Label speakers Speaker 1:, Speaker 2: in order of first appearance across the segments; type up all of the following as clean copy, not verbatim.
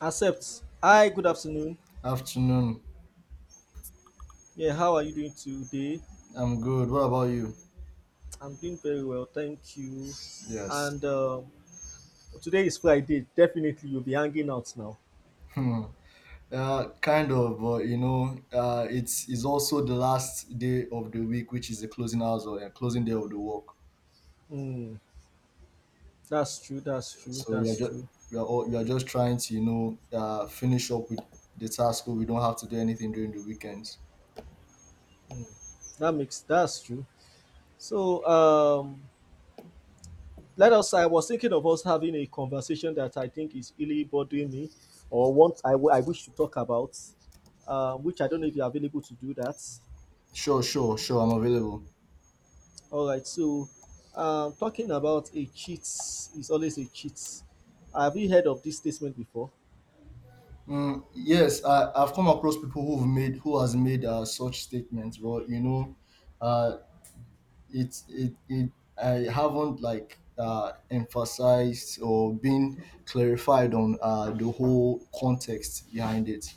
Speaker 1: Accept. Hi, good afternoon.
Speaker 2: Afternoon.
Speaker 1: Yeah, how are you doing today?
Speaker 2: I'm good. What about you?
Speaker 1: I'm doing very well, thank you.
Speaker 2: Yes.
Speaker 1: And Today is Friday. Definitely, you'll be hanging out now.
Speaker 2: Hmm. Kind of, but you know, it's also the last day of the week, which is the closing hours or closing day of the work.
Speaker 1: Hmm, that's true. That's true.
Speaker 2: So we are
Speaker 1: That's
Speaker 2: just
Speaker 1: true.
Speaker 2: we are all, we are just trying to finish up with the task, so we don't have to do anything during the weekends.
Speaker 1: That's true. So, um, Let us. I was thinking of us having a conversation that I think is really bothering me, or what I wish to talk about, which I don't know if you're available to do that.
Speaker 2: Sure. I'm available.
Speaker 1: All right. Talking about, a cheat is always a cheat. Have you heard of this statement before?
Speaker 2: Mm, yes, I've come across people who has made such statements, but you know, uh, it it, it I haven't like emphasized or been clarified on the whole context behind it.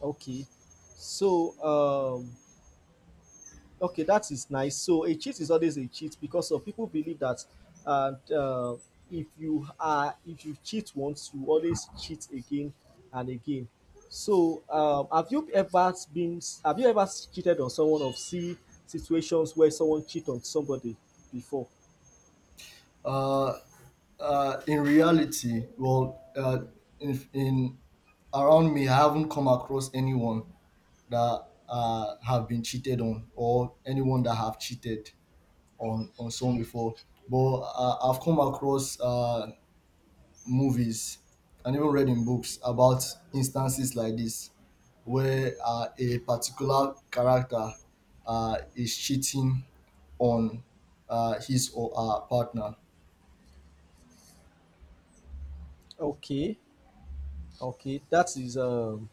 Speaker 1: Okay. So, um, okay, that is nice. So, a cheat is always a cheat because of people believe that, and if you are if you cheat once, you always cheat again and again. So, have you ever been have you ever cheated on someone or see situations where someone cheat on somebody before?
Speaker 2: Uh, in reality, well, in around me, I haven't come across anyone that have been cheated on or anyone that have cheated on someone before. But I've come across movies and even read in books about instances like this where a particular character is cheating on his or her partner.
Speaker 1: Okay. Okay,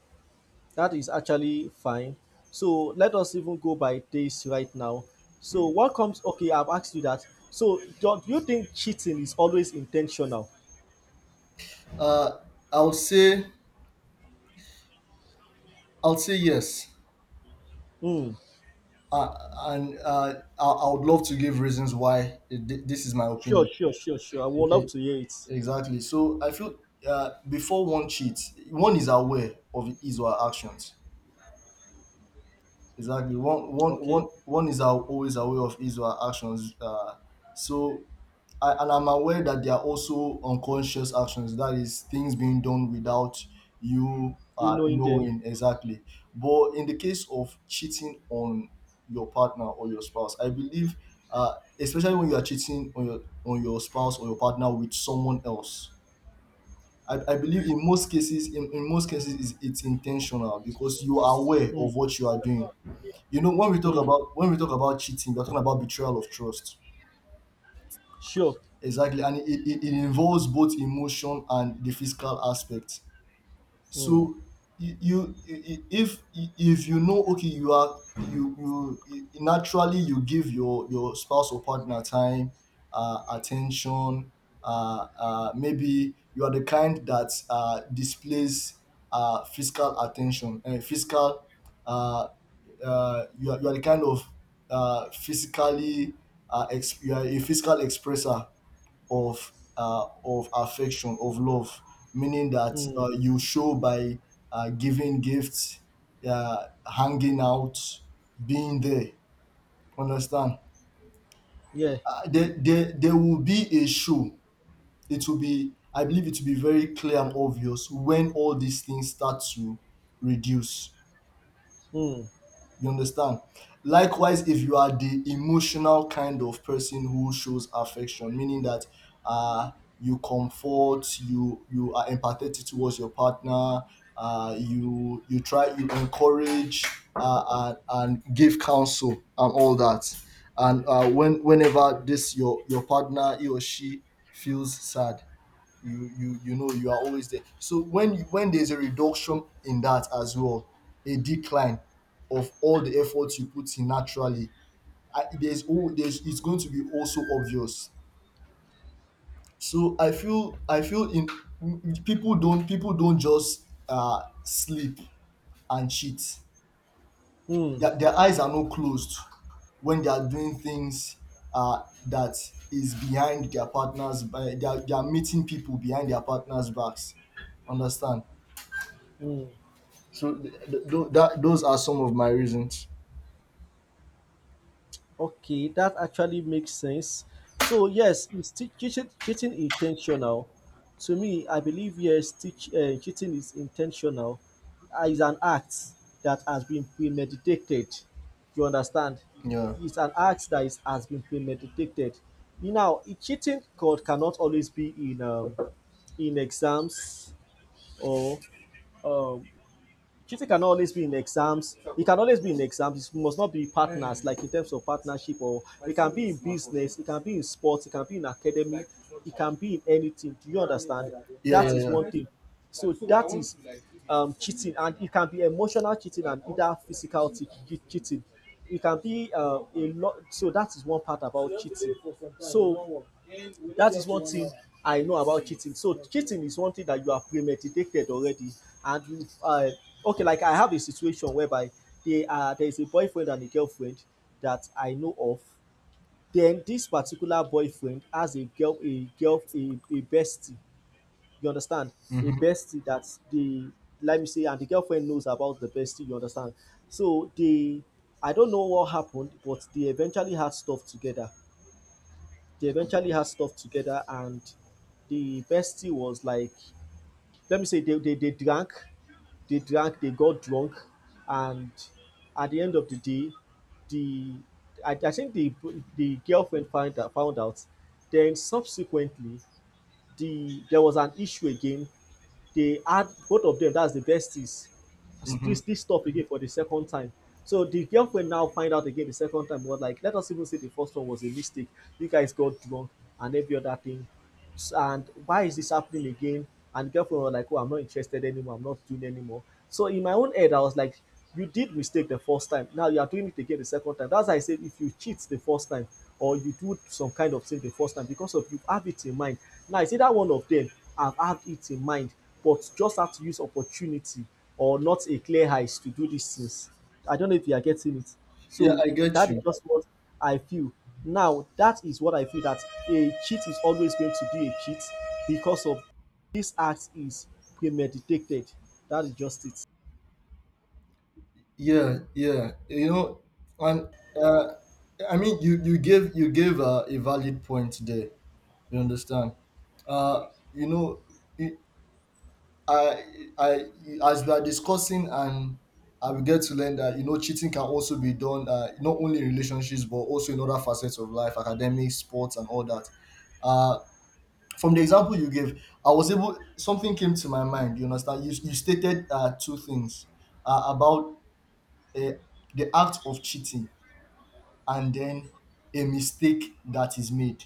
Speaker 1: that is actually fine. So let us even go by this right now. So what comes okay, I've asked you that. So do you think cheating is always intentional?
Speaker 2: Uh, I will say I will say yes,
Speaker 1: Hmm.
Speaker 2: uh, I would love to give reasons why this is my
Speaker 1: Sure,
Speaker 2: opinion.
Speaker 1: sure, sure, sure. I would love
Speaker 2: Okay,
Speaker 1: to hear it.
Speaker 2: exactly. So I feel before one cheats, one is aware of his or her actions. Exactly. One, one, one,
Speaker 1: Okay.
Speaker 2: one is always aware of his or her actions. So, and I'm aware that there are also unconscious actions. That is things being done without you
Speaker 1: You knowing them.
Speaker 2: knowing exactly. But in the case of cheating on your partner or your spouse, I believe, uh, especially when you are cheating on your spouse or your partner with someone else, I believe in most cases, in most cases, it's intentional because you are aware of
Speaker 1: Hmm.
Speaker 2: what you are doing. You know, when we talk
Speaker 1: Hmm.
Speaker 2: about when we talk about cheating, we're talking about betrayal of trust.
Speaker 1: Sure.
Speaker 2: Exactly, and it involves both emotion and the physical aspect.
Speaker 1: Hmm.
Speaker 2: So you I- if if you know, okay, you are you you naturally you give your spouse or partner time, attention. Maybe you are the kind that displays physical attention and physical. Uh, you are the kind of physically you are a physical expressor of affection, of love, meaning that
Speaker 1: Hmm.
Speaker 2: you show by giving gifts, uh, hanging out, being there. Understand?
Speaker 1: Yeah.
Speaker 2: There will be a show. It will be, I believe, it will be very clear and obvious when all these things start to reduce.
Speaker 1: Hmm.
Speaker 2: You understand? Likewise, if you are the emotional kind of person who shows affection, meaning that uh, you comfort, you are empathetic towards your partner, you try, you encourage and give counsel and all that, and when whenever this your partner, he or she feels sad, you know you are always there. So when there's a reduction in that as well, a decline of all the efforts you put in naturally, I, there's all there's it's going to be also obvious. So I feel in people don't just sleep and cheat.
Speaker 1: Hmm.
Speaker 2: Their eyes are not closed when they are doing things that is behind their partners. They are meeting people behind their partners' backs, understand?
Speaker 1: Hmm.
Speaker 2: So th- th- tho- that those are some of my reasons.
Speaker 1: Okay, that actually makes sense. So yes, is cheating, cheating intentional? To me, I believe yes, cheating is intentional. It's an act that has been premeditated. You understand?
Speaker 2: Yeah,
Speaker 1: It's an act has been premeditated. You know, cheating code cannot always be in in exams or um, cheating can always be in exams, it can always be in exams, it must not be partners like in terms of partnership or it can be in business, it can be in sports, it can be in academy, it can be in anything. Do you understand?
Speaker 2: yeah,
Speaker 1: That
Speaker 2: yeah,
Speaker 1: is
Speaker 2: yeah.
Speaker 1: one thing. So that is cheating, and it can be emotional cheating and either cheating. It can be a lot. So that is one part about cheating. So that is one thing I know about cheating. So cheating is one thing that you have premeditated already, and you okay. Like I have a situation whereby they are there is a boyfriend and a girlfriend that I know of. Then this particular boyfriend has a bestie. You understand? A
Speaker 2: Hmm.
Speaker 1: bestie that the let me say, and the girlfriend knows about the bestie. You understand? So they, I don't know what happened, but they eventually had stuff together. They eventually had stuff together, and the bestie was like, let me say, they drank, they got drunk, and at the end of the day, the I think the girlfriend found out, found out. Then subsequently, there was an issue again. They had, both of them, that's the besties,
Speaker 2: Hmm.
Speaker 1: this stuff again for the second time. So the girlfriend now find out again the second time, was like let us even say the first one was a mistake, you guys got drunk and every other thing. And why is this happening again? And the girlfriend was like, oh, I'm not interested anymore. I'm not doing anymore. So in my own head, I was like, you did mistake the first time. Now you are doing it again the second time. That's why I said if you cheat the first time or you do some kind of thing the first time, because of you have it in mind. Now it's either one of them have had it in mind, but just have to use opportunity or not a clear eyes to do these things. I don't know if you are getting it.
Speaker 2: Yeah,
Speaker 1: So
Speaker 2: I get
Speaker 1: that is
Speaker 2: you.
Speaker 1: just what I feel. Now, that is what I feel, that a cheat is always going to be a cheat because of this act is premeditated. That is just it.
Speaker 2: Yeah, yeah. You know, and uh, I mean, you you gave a valid point there. You understand? You know, it- I I as we are discussing, and I will get to learn that, you know, cheating can also be done not only in relationships but also in other facets of life: academics, sports, and all that. Uh, from the example you gave, I was able. Something came to my mind. You understand? You stated two things about uh, the act of cheating and then a mistake that is made.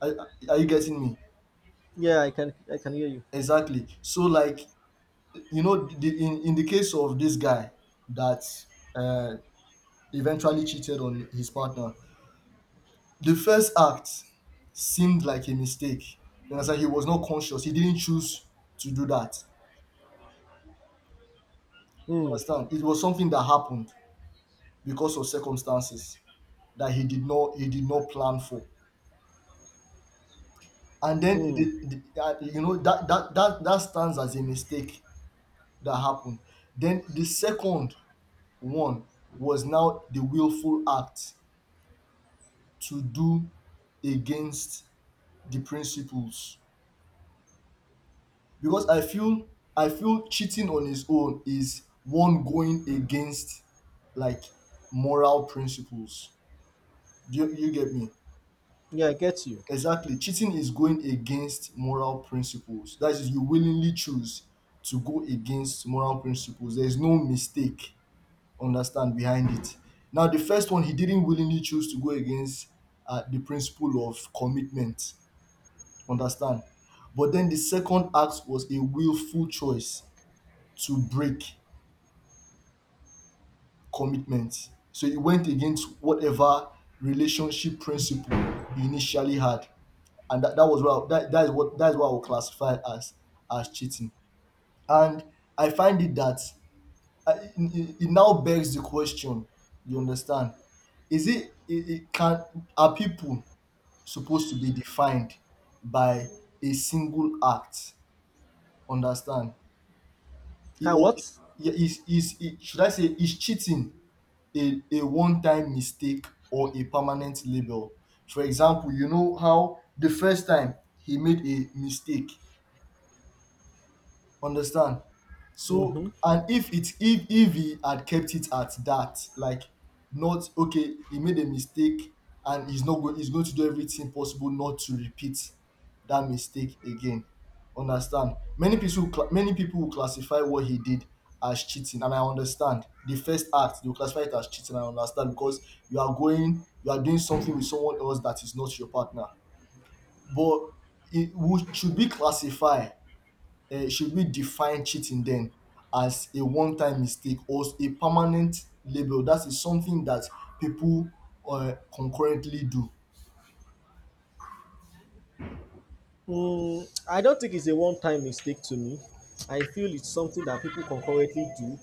Speaker 2: Are you getting me?
Speaker 1: Yeah, I can hear you.
Speaker 2: Exactly. So like, you know, the, in the case of this guy that uh, eventually cheated on his partner, the first act seemed like a mistake. You understand? He was not conscious. He didn't choose to do that.
Speaker 1: Mm,
Speaker 2: Understand? It was something that happened because of circumstances that he did not plan for. And then
Speaker 1: mm.
Speaker 2: you know, that stands as a mistake that happened. Then the second one was now the willful act to do against the principles, because I feel cheating on his own is one going against, like, moral principles. You get me?
Speaker 1: Yeah, I get you.
Speaker 2: Exactly. Cheating is going against moral principles. That is, you willingly choose to go against moral principles. There's no mistake, understand, behind it. Now, the first one, he didn't willingly choose to go against the principle of commitment, understand. But then the second act was a willful choice to break commitment. So he went against whatever relationship principle he initially had. And that, that was what that, that is what I would classify as cheating. And I find it that it now begs the question. You understand? Is it, it, it can Are people supposed to be defined by a single act? Understand? It,
Speaker 1: Can
Speaker 2: or
Speaker 1: what?
Speaker 2: Yeah, should I say, is cheating a one time mistake or a permanent label? For example, you know how the first time he made a mistake, understand? So,
Speaker 1: Mm-hmm.
Speaker 2: and if it if he had kept it at that, like, not — okay, he made a mistake, and he's not going he's going to do everything possible not to repeat that mistake again. Understand? Many people will classify what he did as cheating, and I understand. The first act, they will classify it as cheating, and I understand, because you are doing something with someone else that is not your partner. But it would — should be classified, um, should we define cheating then as a one time mistake or a permanent label? That is something that people, um, concurrently do.
Speaker 1: Mm, I don't think it's a one-time mistake. To me, I feel it's something that people concurrently do,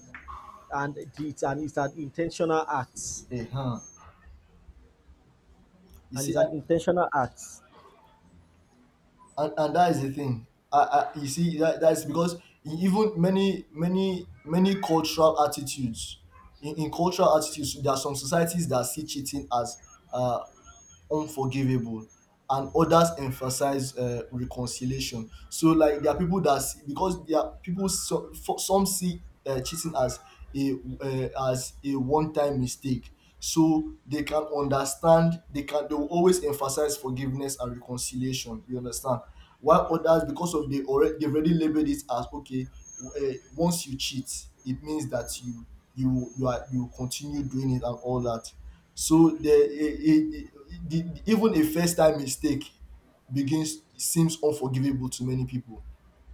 Speaker 1: and it's an intentional act,
Speaker 2: Uh huh. You
Speaker 1: and
Speaker 2: see,
Speaker 1: it's
Speaker 2: and
Speaker 1: an intentional act.
Speaker 2: and and that is the thing. And you see that that is because, even many cultural attitudes — in cultural attitudes, there are some societies that see cheating as uh. unforgivable, and others emphasize reconciliation. So, like, there are people that see — because there are people, so, some see cheating a as a one time mistake, so they can understand, they will always emphasize forgiveness and reconciliation, you understand. While others, because of — they already, they've already labeled it as, okay, once you cheat, it means that you, you are, you continue doing it and all that. So the, a, a, the even a first time mistake begins — seems unforgivable to many people,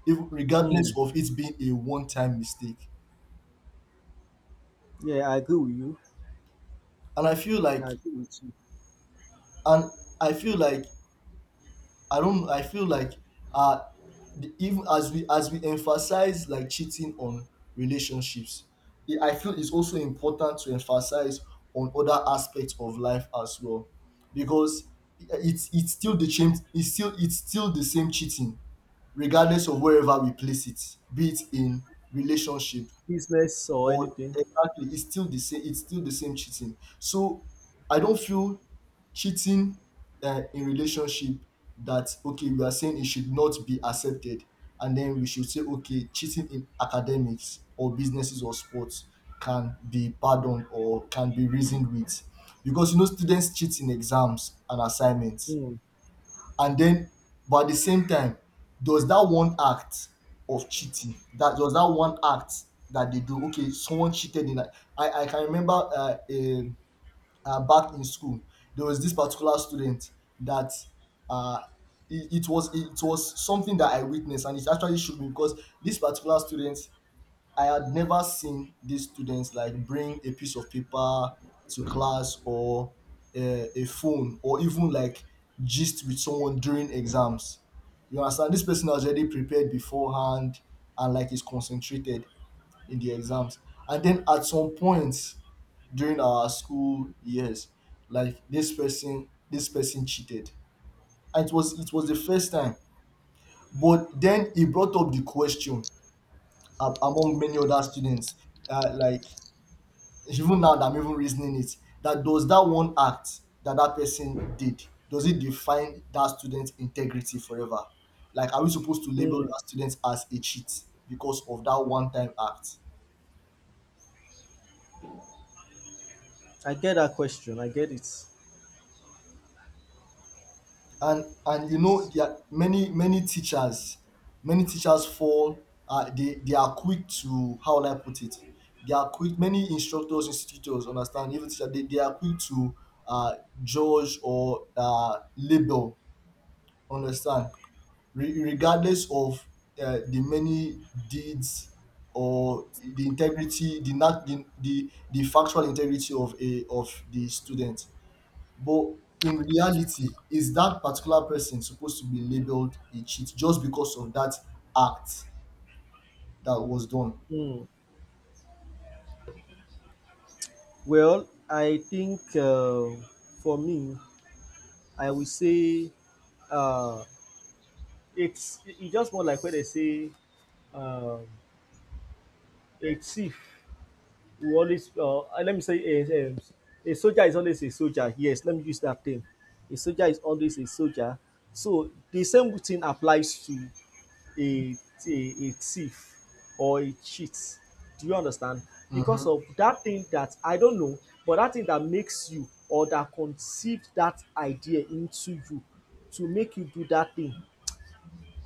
Speaker 2: if — regardless
Speaker 1: Hmm.
Speaker 2: of it being a one time mistake.
Speaker 1: Yeah, I agree with you.
Speaker 2: And I feel like,
Speaker 1: I agree with you.
Speaker 2: and I feel like I don't. I feel like uh, even as we emphasize, like, cheating on relationships, I feel it's also important to emphasize on other aspects of life as well, because it's still the same. It's still the same cheating regardless of wherever we place it, be it in relationship
Speaker 1: Business or
Speaker 2: or —
Speaker 1: anything.
Speaker 2: exactly, it's still the same. It's still the same cheating. So I don't feel cheating in relationship that, okay, we are saying it should not be accepted, and then we should say, okay, cheating in academics or businesses or sports can be pardoned or can be reasoned with, because you know students cheat in exams and assignments.
Speaker 1: Hmm.
Speaker 2: And then, but at the same time, does that one act of cheating — that — does that one act that they do — okay, someone cheated in that. I can remember back in school, there was this particular student that uh, it was — it was something that I witnessed, and it actually shook me because this particular student, I had never seen these students like bring a piece of paper to class or a phone or even like gist with someone during exams. You understand? This person has already prepared beforehand and like is concentrated in the exams. And then at some point during our school years, like, this person cheated, and it was the first time. But then he brought up the question, among many other students, like, even now that I'm even reasoning it, that does that one act that that person did, does it define that student's integrity forever? Like, are we supposed to label
Speaker 1: Hmm.
Speaker 2: that student as a cheat because of that one-time act?
Speaker 1: I get that question. I get it.
Speaker 2: And there are many teachers, many teachers fall. They are quick to, how will I put it? They are quick. Many instructors, institutors, understand, even teacher. They are quick to uh, judge or label. Understand, regardless of the many deeds, or the integrity, not the factual integrity of a of the student, but in reality, is that particular person supposed to be labeled a cheat just because of that act that was done?
Speaker 1: Hmm. Well, I think for me, I will say uh, it's just more like when they say um, a thief who always let me say a soldier is always a soldier. Yes, let me use that term. A soldier is always a soldier. So the same thing applies to a a thief or a cheat. Do you understand?
Speaker 2: Mm-hmm.
Speaker 1: Because of that thing that I don't know, but that thing that makes you or that conceived that idea into you to make you do that thing,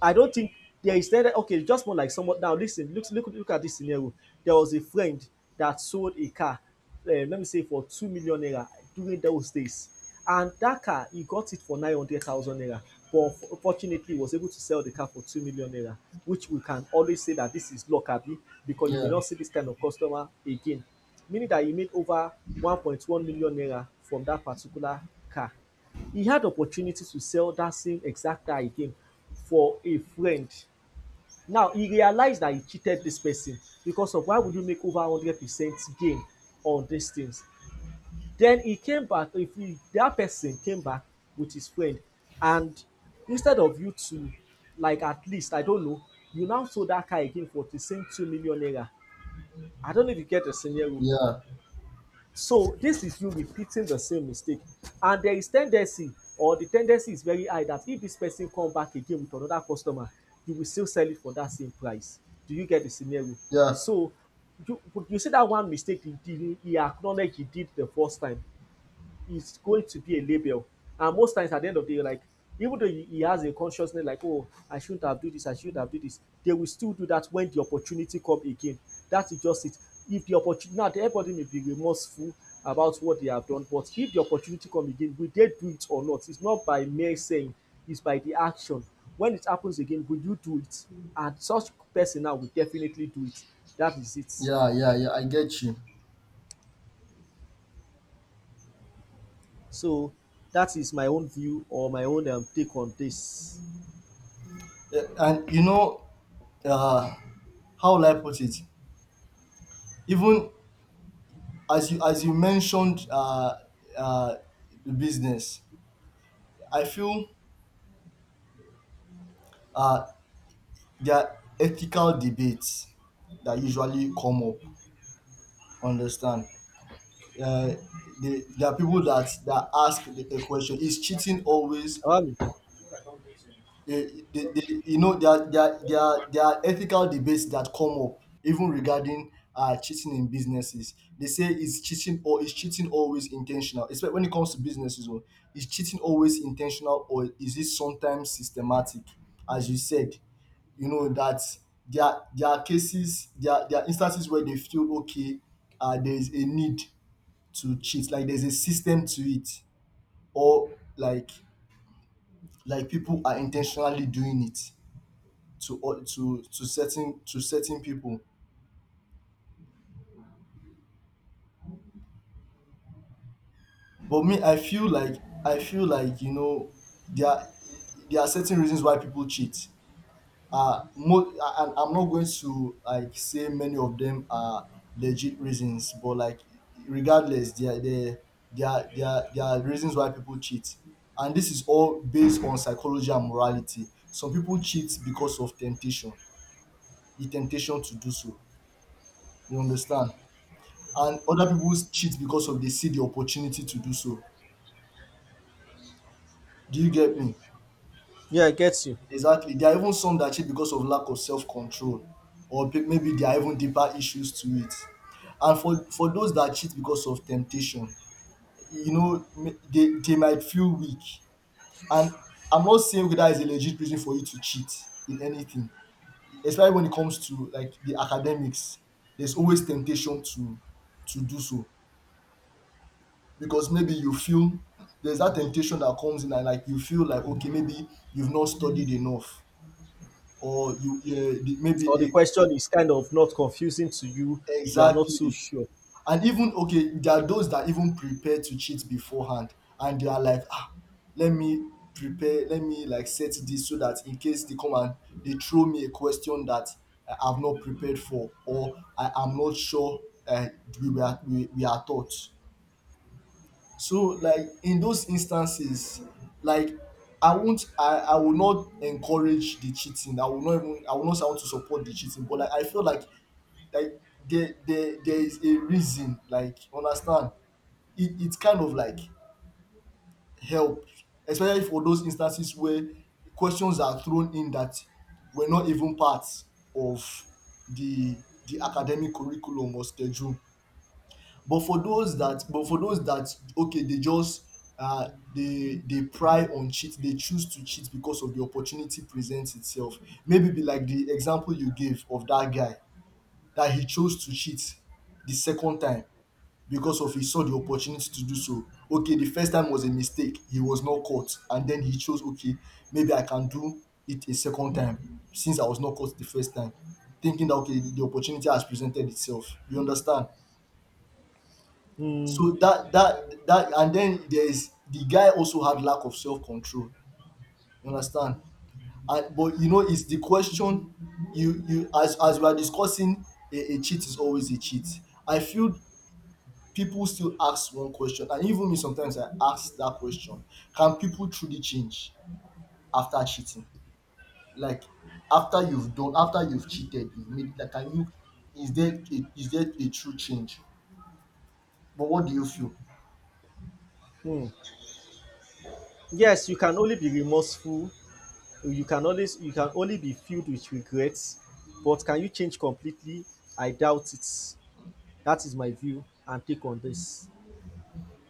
Speaker 1: I don't think there is any okay, just more like someone now listen, look at this scenario. There was a friend that sold a car, let me say for 2 million naira during those days. And that car, he got it for 900,000 naira. But fortunately, he was able to sell the car for 2 million naira, which we can always say that this is luck, abi, because you may
Speaker 2: Yeah,
Speaker 1: not see this kind of customer again. Meaning that he made over 1.1 million naira from that particular car. He had opportunity to sell that same exact car again for a friend. Now he realized that he cheated this person, because of why would you make over 100% gain on these things? Then he came back, if he, that person came back with his friend, and instead of you to like at least I don't know, you now sold that car again for the same 2 million naira. I don't know if you get the scenario.
Speaker 2: yeah,
Speaker 1: So this is you repeating the same mistake. And there is tendency, or the tendency is very high that if this person come back again with another customer, you will still sell it for that same price. Do you get the scenario?
Speaker 2: yeah,
Speaker 1: So you you see that one mistake he did, he acknowledge he did the first time, is going to be a label. And most times at the end of the day, like even though he has a consciousness like, oh, I shouldn't have do this, I shouldn't have do this, they will still do that when the opportunity come again. That is just it. If the opportunity now, everybody may be remorseful about what they have done, but if the opportunity come again, will they do it or not? It's not by mere saying, it's by the action. When it happens again, will you do it? And such person now will definitely do it. That is it.
Speaker 2: yeah, yeah, yeah, I get you.
Speaker 1: So that is my own view, or my own take on this.
Speaker 2: Yeah, and you know, uh how will I put it, even as you mentioned uh, the business, I feel uh, there are ethical debates that usually come up. Understand? Uh, there are people that ask the question: is cheating always
Speaker 1: Um,
Speaker 2: there there are ethical debates that come up even regarding cheating in businesses. They say, is cheating, or is cheating always intentional, especially when it comes to businesses, or is cheating always intentional, or is it sometimes systematic, as you said? You know that there are cases, there are instances where they feel, okay, there is a need to cheat, like there's a system to it, or like people are intentionally doing it to all to certain people. But me, I feel like, you know, there are, there are certain reasons why people cheat. And I'm not going to like say many of them are legit reasons, but like, regardless, there are reasons why people cheat, and this is all based on psychology and morality. Some people cheat because of temptation, the temptation to do so. You understand? And other people cheat because of they see the opportunity to do so. Do you get me?
Speaker 1: yeah, I get you.
Speaker 2: Exactly. There are even some that cheat because of lack of self control, or maybe there are even deeper issues to it. And for those that cheat because of temptation, they might feel weak. And I'm not saying that is a legit reason for you to cheat in anything, especially when it comes to like the academics. There's always temptation to do so. Because maybe you feel there's that temptation that comes in, and like you feel like, okay, maybe you've not studied enough, or you, yeah,
Speaker 1: Or the question is kind of not confusing to you. You are not so
Speaker 2: exactly.
Speaker 1: sure.
Speaker 2: And even, okay, there are those that even prepare to cheat beforehand, and they are like, ah, let me prepare, let me like set this, so that in case they come and they throw me a question that I've not prepared for or I am not sure. uh, we are taught. So like, in those instances, like I will not encourage the cheating. I will not say I want to support the cheating, but like I feel like, like there is a reason, like, you understand. It's kind of like help, especially for those instances where questions are thrown in that were not even part of the the academic curriculum or schedule. But for those that, okay, they just they pry on cheat, they choose to cheat because of the opportunity presents itself. Maybe be like the example you gave of that guy, that he chose to cheat the second time because of he saw the opportunity to do so. Okay, the first time was a mistake, he was not caught, and then he chose, okay, maybe I can do it a second time, since I was not caught the first time, thinking that, okay, the opportunity has presented itself. You understand?
Speaker 1: Hmm.
Speaker 2: So that, and then there's, the guy also had lack of self-control. You understand? And but you know, it's the question, you, as we are discussing, a cheat is always a cheat. I feel people still ask one question, and even me, sometimes I ask that question. Can people truly change after cheating? Like, after you've cheated, you've made like can you is there a true change? But what do you feel?
Speaker 1: Hmm. Yes, you can only be remorseful. You can always you can only be filled with regrets. But can you change completely? I doubt it. That is my view and take on this.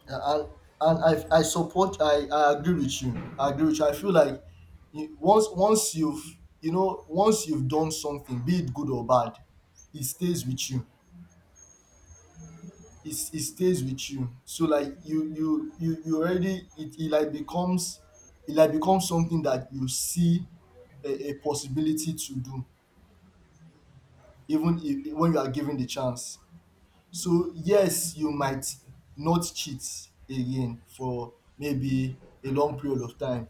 Speaker 2: Yeah, and I support I agree with you I agree with you, I feel like once you've, once you've done something, be it good or bad, it stays with you, so like you already, it like becomes, something that you see a possibility to do, even if, when you are given the chance. So yes, you might not cheat again for maybe a long period of time,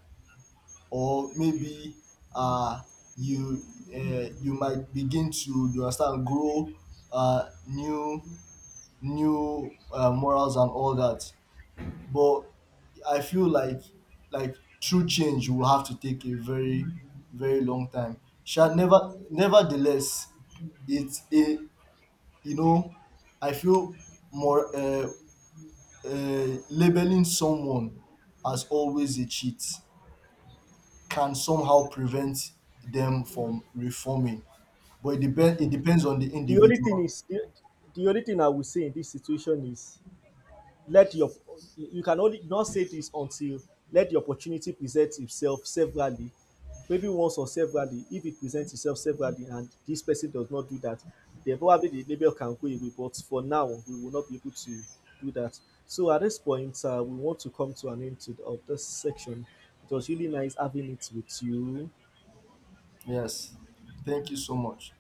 Speaker 2: or maybe, uh, you you might begin to, you understand, grow uh, new new morals and all that. But I feel like, true change will have to take a very, very long time. Shall never Nevertheless, it's a, you know, I feel more, labeling someone as always a cheat can somehow prevent them from reforming, but it depends on the
Speaker 1: The only thing
Speaker 2: individual.
Speaker 1: is the, the only thing I would say in this situation is let your you can only you don say this until let the opportunity present itself severally, maybe once or severally. If it presents itself severally and this person does not do that, then probably the label can go away, but for now we will not be able to do that. So at this point, we want to come to an end to, of this section. It was really nice having it with you.
Speaker 2: Yes, thank you so much.